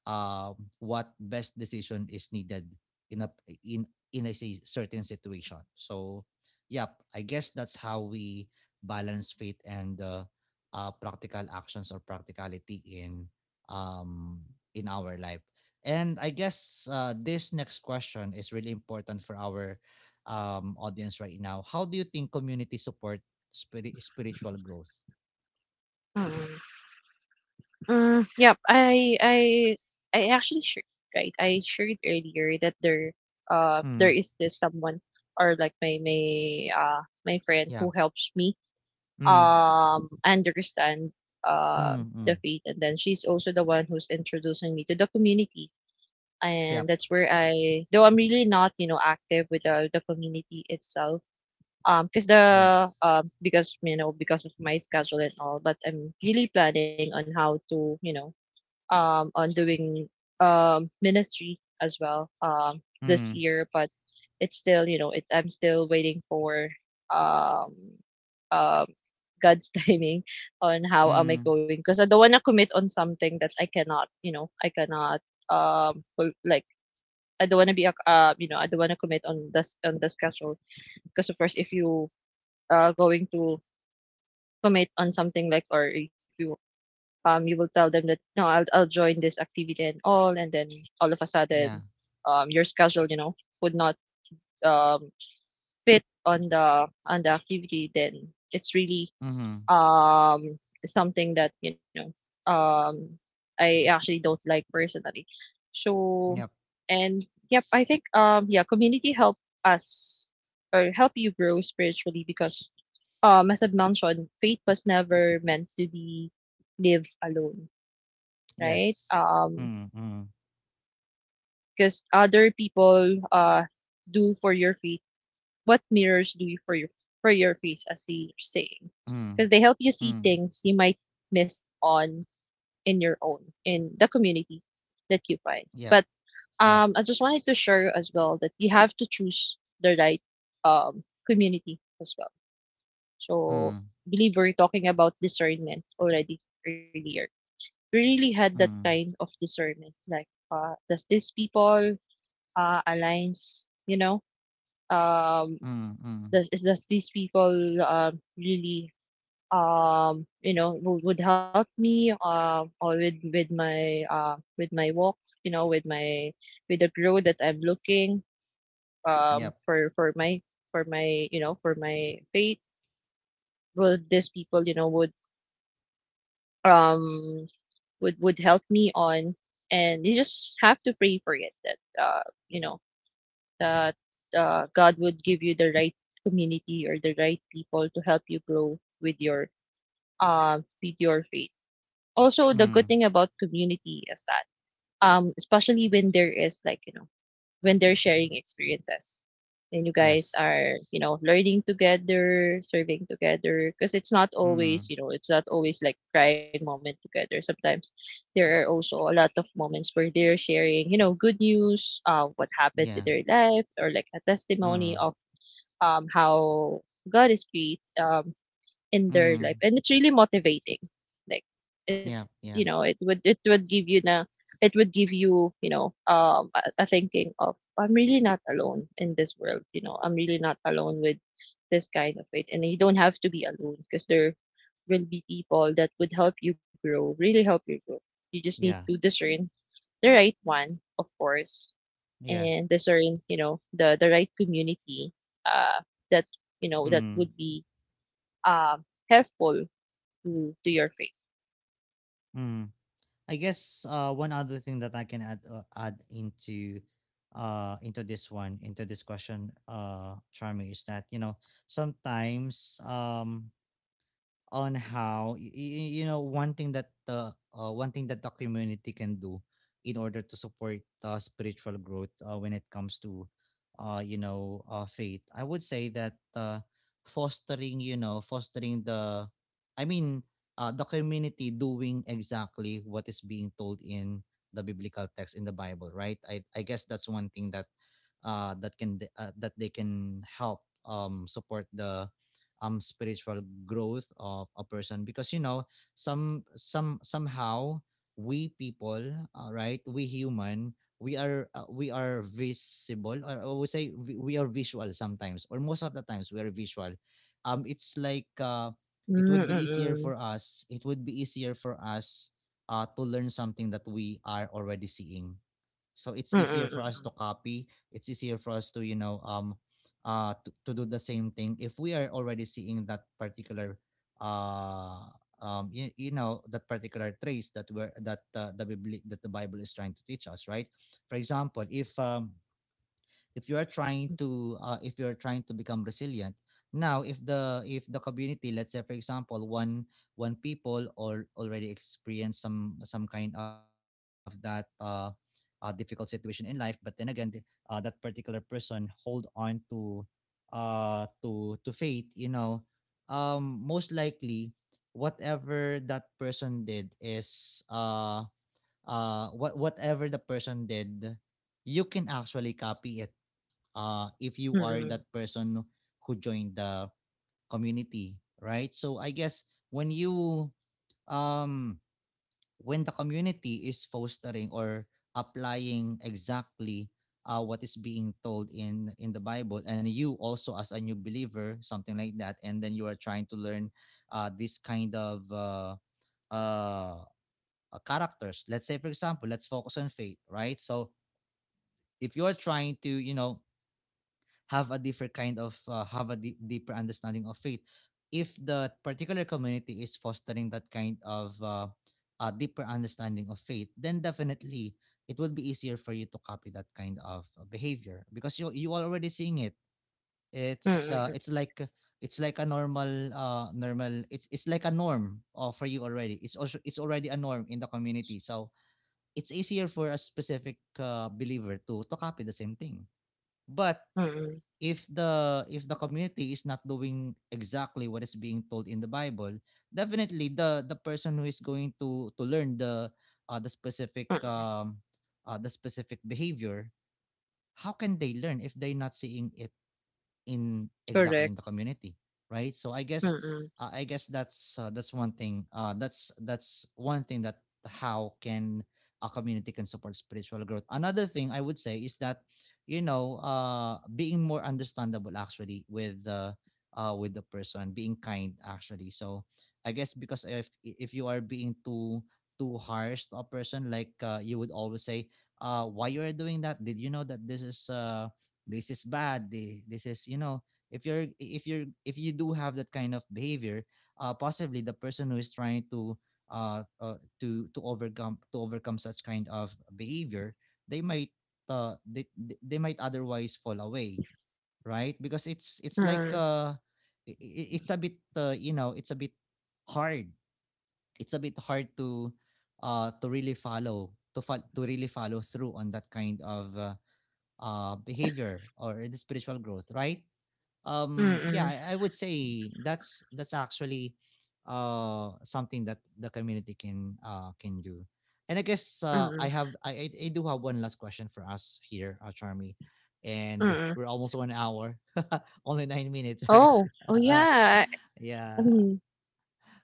uh, what best decision is needed in a, in in a certain situation. So yep, I guess that's how we balance faith and practical actions or practicality um, in our life. And I guess this next question is really important for our audience right now. How do you think community support spirit, spiritual growth? mm. Mm. Yep. I actually shared, right. I shared earlier that there, Mm. there is this someone, or like my friend Yeah. who helps me Mm. Understand uh Mm, the mm. faith, and then she's also the one who's introducing me to the community. And Yep. that's where I, though I'm really not, you know, active with the community itself. Because Yeah. the because, you know, because of my schedule and all, but I'm really planning on how to, you know, on doing ministry as well, this Mm. year. But it's still, you know, it I'm still waiting for um um God's timing on how am I Mm. going, because I don't want to commit on something that I cannot, you know, I cannot um ful- like I don't want to be you know, I don't want to commit on this on the schedule, because of course, if you going to commit on something like, or if you, you will tell them that no, I'll I'll join this activity and all, and then all of a Yeah. sudden, your schedule, you know, would not um fit on the activity, then it's really Mm. um something that, you know, um I actually don't like personally. Yep. So, and yep, I think yeah, community help us, or help you grow spiritually, because as I've mentioned, faith was never meant to be lived alone, right? Yes. Mm. Mm. Because other people do for your faith what mirrors do you for your faith, as they are saying. Mm. Because they help you see Mm. things you might miss on, in your own, in the community that you find. But Yep. Yep. I just wanted to share as well that you have to choose the right community as well. So Mm. I believe we're talking about discernment already earlier. We really had that kind Mm. of discernment, like, does these people aligns, you know, um, Mm. Mm. does is does these people really you know would help me or with my walks, you know, with my with the growth that I'm looking Yep. For my for my, you know, for my faith, will these people, you know, um would help me on. And you just have to pray for it that you know, that God would give you the right community or the right people to help you grow with your faith. Also, the good Mm. thing about community is that especially when there is like, you know, when they're sharing experiences, and you guys Yes. are, you know, learning together, serving together, because it's not Mm. always, you know, it's not always like crying moment together. Sometimes there are also a lot of moments where they're sharing, you know, good news, what happened to Yeah. their life, or like a testimony Mm. of how God is great, in their life, Mm. and it's really motivating, like it, Yep. you know, Yeah. it would, it would give you the, it would give you, you know, a thinking of I'm really not alone in this world, you know, I'm really not alone with this kind of it, and you don't have to be alone because there will be people that would help you grow, really help you grow. You just need to Yeah. discern the right one, of course, Yeah. and discern, you know, the right community uh that, you know, that Mm. would be um helpful to your faith. Mm. I guess one other thing that I can add add into this one, into this question, Charmy, is that, you know, sometimes on how you know, one thing that the community can do in order to support spiritual growth when it comes to you know, faith, I would say that fostering you know fostering the, I mean, the community doing exactly what is being told in the biblical text, in the Bible, right? I guess that's one thing that that they can help support the spiritual growth of a person, because you know somehow we people, right, we human, we are visible, or I would say we are visual sometimes, or most of the times we are visual. It's like it would be easier Mm, for us, it would be easier for us to learn something that we are already seeing. So mm, it's easier for mm, us to copy, it's easier for us to, you know, to do the same thing if we are already seeing that particular uh you, you know, that particular trace that were that the Bibli- that the Bible is trying to teach us, right? For example, if you are trying to if you're trying to become resilient. Now if the, if the community, let's say for example, one, one people or already experience some kind of that difficult situation in life, but then again that particular person hold on to to faith, you know. Most likely whatever that person did is whatever the person did, you can actually copy it, if mm, you are mm, that person who joined the community, right? So I guess when you um when the community is fostering or applying exactly what is being told in the Bible, and you also as a new believer, something like that, and then you are trying to learn this kind of uh, characters. Let's say, for example, let's focus on faith, right? So if you are trying to, you know, have a different kind of have a deeper understanding of faith, if the particular community is fostering that kind of a deeper understanding of faith, then definitely it would be easier for you to copy that kind of behavior, because you are already seeing it. It's mm, it's like, it's like a normal normal it's like a norm, for you already, it's also, it's already a norm in the community. So it's easier for a specific believer to copy the same thing. But mm, mm, if the, if the community is not doing exactly what is being told in the Bible, definitely the person who is going to learn the uh, the specific mm. um the specific behavior, how can they learn if they're not seeing it in Correct. exactly in the community, right? So I guess Mm, I guess that's one thing that, how can a community can support spiritual growth. Another thing I would say is that, you know, being more understandable actually with the person, being kind actually. So I guess, because if you are being too, too harsh to a person, like you would always say, why you are doing that, did you know that this is bad, this is, you know, if you're, if you're, if you do have that kind of behavior, possibly the person who is trying to uh, uh to overcome, to overcome such kind of behavior, they might they might otherwise fall away, right? Because it's like, mm, it's a bit you know, it's a bit hard, it's a bit hard to really follow to fo- to really follow through on that kind of behavior or the spiritual growth, right? Yeah, mm, I would say that's actually something that the community can do. And I guess mm, I do have one last question for us here, Charmy, and mm. we're almost 1 hour only 9 minutes right. Oh, oh yeah. Yeah, Mm,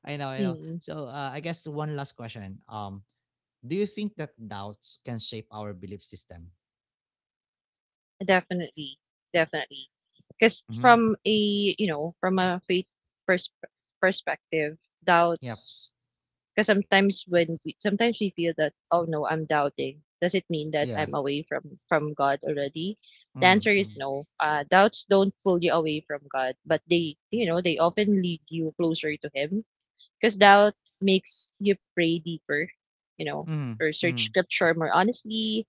I know, I know. mm. So I guess one last question. Do you think that doubts can shape our belief system? Definitely, definitely. Because Mm-hmm. from a, you know, from a faith pers perspective, Yep. doubts. Because sometimes when we, sometimes we feel that, oh no, I'm doubting. Does it mean that Yeah. I'm away from God already? The Mm, answer mm, is no. Doubts don't pull you away from God, but they, you know, they often lead you closer to Him. Because doubt makes you pray deeper, you know, mm, or search mm, Scripture more honestly,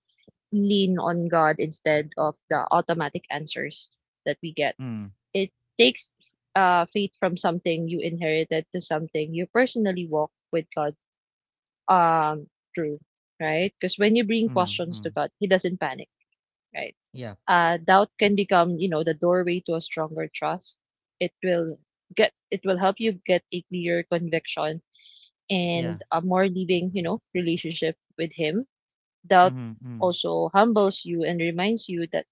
lean on God instead of the automatic answers that we get. mm, It takes faith from something you inherited to something you personally walk with God, um, true, right? Because when you bring mm, questions to mm. God, He doesn't panic, right? Yeah. Doubt can become, you know, the doorway to a stronger trust. It will get, it will help you get a clearer conviction Yeah. and a more living, you know, relationship with Him. Doubt Mm-hmm. Mm. also humbles you and reminds you that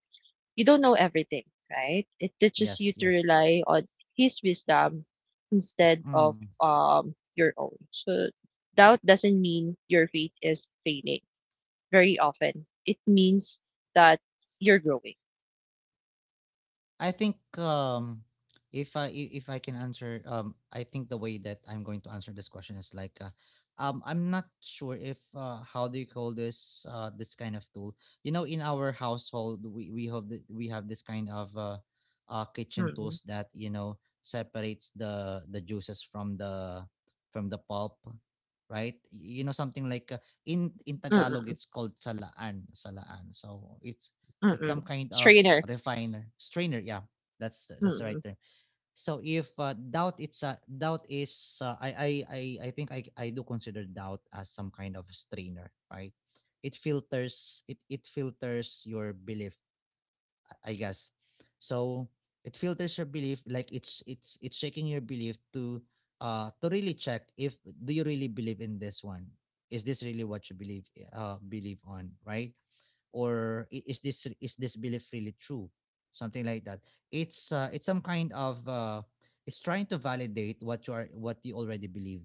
you don't know everything, right? It teaches you Yes. to Yes. rely on his wisdom instead of Mm. Your own. So doubt doesn't mean your faith is failing. Very often, it means that you're growing. I think if I if I can answer, I think the way that I'm going to answer this question is like I'm not sure if how do you call this this kind of tool, you know. In our household we have the, we have this kind of kitchen Mm-mm, tools that, you know, separates the juices from the, from the pulp, right? You know, something like in mm-mm, Tagalog it's called salaan salaan. So it's mm-mm. some kind of Strainer. refiner, strainer. Yeah, that's the right Mm-mm, term. So if doubt is I think I do consider doubt as some kind of strainer, right? It filters, it filters your belief, I guess. So it filters your belief, like it's checking your belief to really check if, do you really believe in this one, is this really what you believe on, right? Or is this, is this belief really true, something like that. It's it's some kind of it's trying to validate what you are, what you already believe,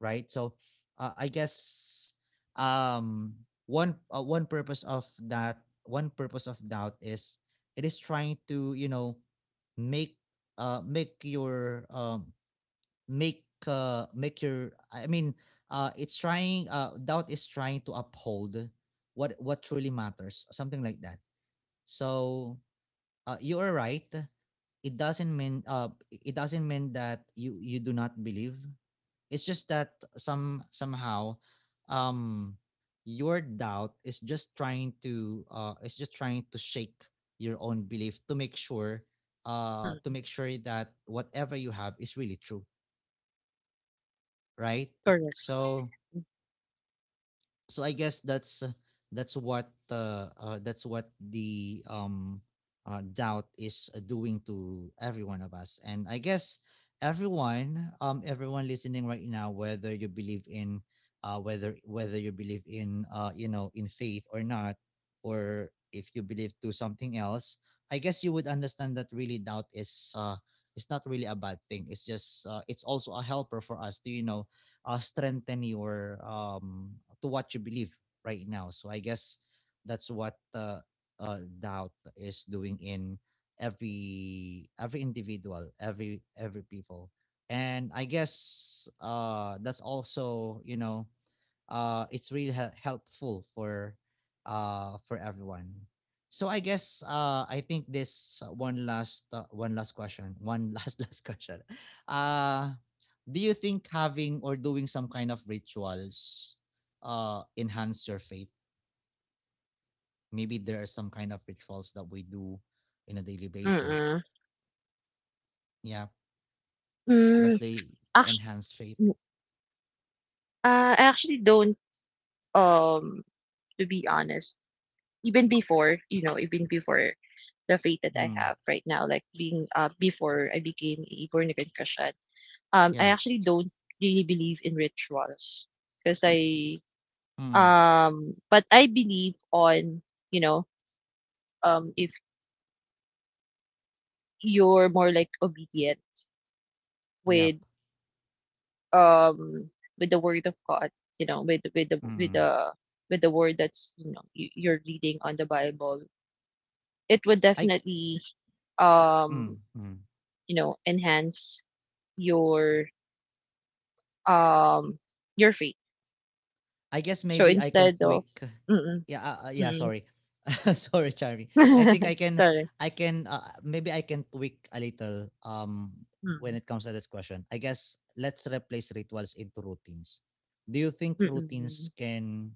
right? So I guess um one one purpose of that, one purpose of doubt is, it is trying to, you know, make make your make make your I mean it's trying doubt is trying to uphold what truly matters, something like that. So you are right, it doesn't mean, it doesn't mean that you do not believe. It's just that somehow um your doubt is just trying to is just trying to shake your own belief to make sure, to mm, make sure that whatever you have is really true, right? correct. So so I guess that's what the doubt is doing to every one of us, and I guess everyone everyone listening right now, whether you believe in whether you believe in in faith or not, or if you believe to something else, I guess you would understand that really doubt is it's not really a bad thing. It's just it's also a helper for us to strengthen your to what you believe right now. So I guess that's what doubt is doing in every individual, every people, and I guess that's also it's really helpful for everyone. So I guess I think this one last question, one last last question. uh do you think having or doing some kind of rituals enhance your faith? Maybe there are some kind of rituals that we do in a daily basis. Mm-mm. Yeah, does Mm, they actually, enhance faith? I actually don't. Um, to be honest, even before, you know, even before the faith that I Mm. have right now, like being before I became a born again Christian, I Yeah. actually don't really believe in rituals because I Mm. But I believe on, you know, if you're more like obedient Yep. with um with the word of God, you know, with the with Mm. the with the word that's, you know, you, you're reading on the Bible, it would I definitely Mm. um Mm. you know enhance your um your faith. I guess So maybe I can instead of tweak. mm Yeah, yeah. mm Sorry, sorry, Charmy. I mm think I can. sorry. I can. Maybe I can tweak a little. When Mm it comes to this question, I guess let's replace rituals into routines. Do you think mm mm routines can?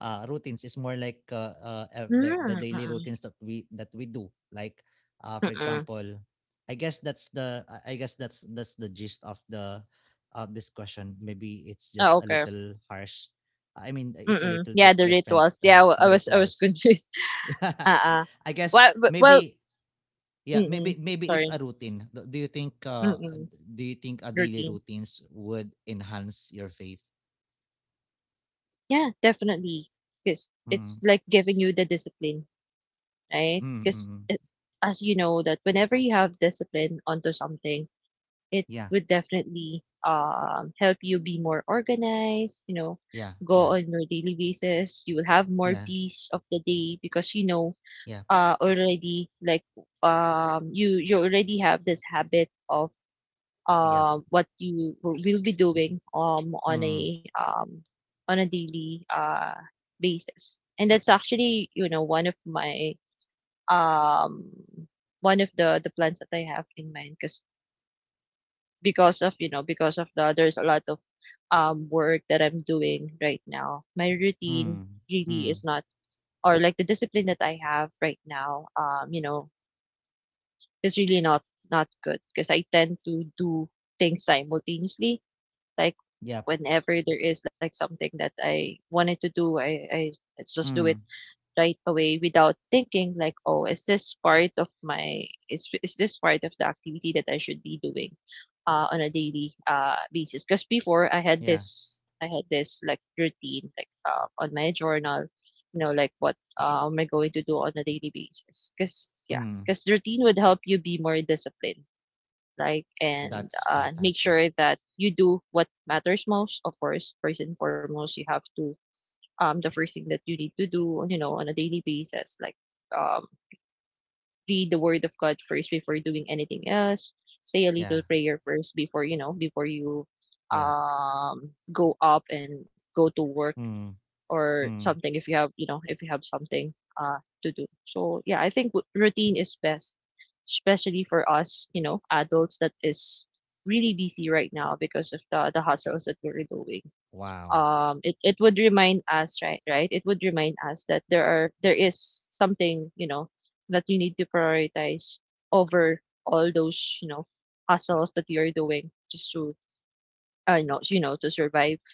Routines is more like the daily mm routines that we do. Like, mm for mm. example, I guess that's the. I guess that's the gist of the of this question. Maybe it's Oh, just a okay. little harsh. I mean, Mm it's a mm. little Yeah, bit the different rituals, yeah, I the was, I was rituals. confused. uh uh I guess well, maybe yeah, mm mm. maybe it's a Sorry. routine. Do you think Mm mm. do you think a daily Routine, routines would enhance your faith? yeah, definitely, because it's Mm. like giving you the discipline, right? Mm. Mm, Because mm. as you know that whenever you have discipline onto something, it Yeah. would definitely help you be more organized, you know, Yeah. go Yeah. on your daily basis. You will have more Yeah. peace of the day, because you know, Yeah. Already like, you you already have this habit of Yep. What you will be doing Mm. On a daily basis. And that's actually, you know, one of my um one of the plans that I have in mind, because of, you know, because of the, there's a lot of work that I'm doing right now. My routine Mm. really Mm. is not, or like the discipline that I have right now, you know, is really not, not good, because I tend to do things simultaneously, like Yep. whenever there is like something that I wanted to do, I let's just do it Mm. right away without thinking like, oh, is this part of my, is this part of the activity that I should be doing, on a daily basis? Because before I had Yeah. this, I had this like routine like on my journal, you know, like what am I going to do on a daily basis? Because yeah, Mm. because routine would help you be more disciplined. Like, and That's make fantastic. sure that you do what matters most. Of course, first and foremost, you have to the first thing that you need to do, you know, on a daily basis, like um, read the Word of God first before doing anything else. Say a Yeah. little prayer first before, you know, before you Yeah. Go up and go to work Mm. or Mm. something, if you have, you know, if you have something to do. So yeah, I think routine is best, especially for us, you know, adults that is really busy right now because of the hustles that we're doing, Wow. It, it would remind us, right, right, it would remind us that there are, there is something, you know, that you need to prioritize over all those, you know, hustles that you're doing just to you know, you know, to survive,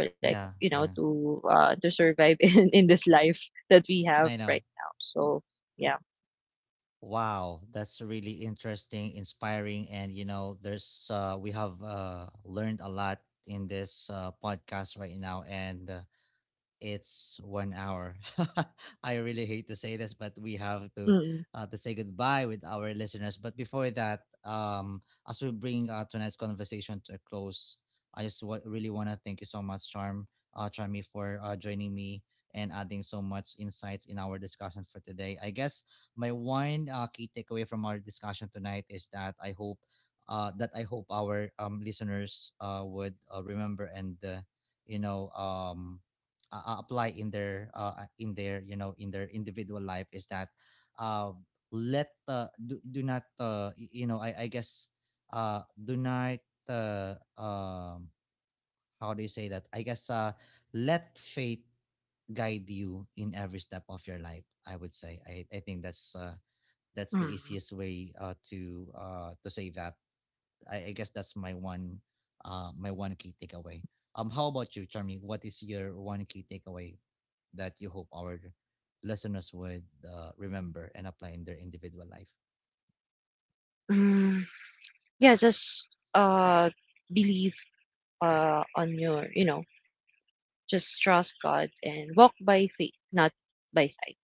or like, Yeah. you know, Yeah. To survive in this life that we have I know. right now. So yeah. Wow, that's really interesting, inspiring, and you know, there's we have learned a lot in this podcast right now, and it's 1 hour. I really hate to say this, but we have Mm, to say goodbye with our listeners. But before that, as we bring tonight's conversation to a close, I just really want to thank you so much, Charm, Charmy, for joining me and adding so much insights in our discussion for today. I guess my one key takeaway from our discussion tonight is that I hope our listeners would remember and you know um, apply in their in their in their individual life is that uh, do not I guess do not uh, um, how do you say that I guess let faith guide you in every step of your life. I would say I think that's the mm, easiest way to say that. I guess that's my one key takeaway. Um, how about you, Charmy? What is your one key takeaway that you hope our listeners would remember and apply in their individual life? mm. Yeah, just uh believe on your, you know, just trust God and walk by faith, not by sight.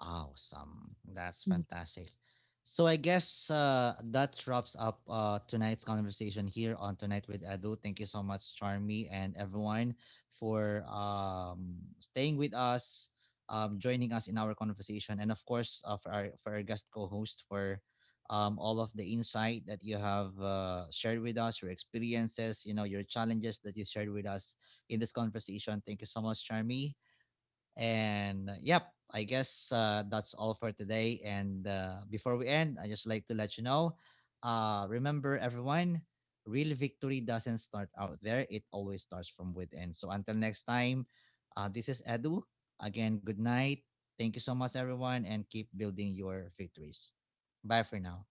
Awesome. That's fantastic. So I guess that wraps up tonight's conversation here on Tonight with Edu. Thank you so much, Charmy and everyone, for staying with us, joining us in our conversation, and of course for our guest co-host for all of the insight that you have shared with us, your experiences, you know, your challenges that you shared with us in this conversation. Thank you so much, Charmy. And yep, I guess that's all for today. And before we end, I just like to let you know remember, everyone, real victory doesn't start out there, it always starts from within. So until next time, this is Edu. Again, good night. Thank you so much, everyone, and keep building your victories. Bye for now.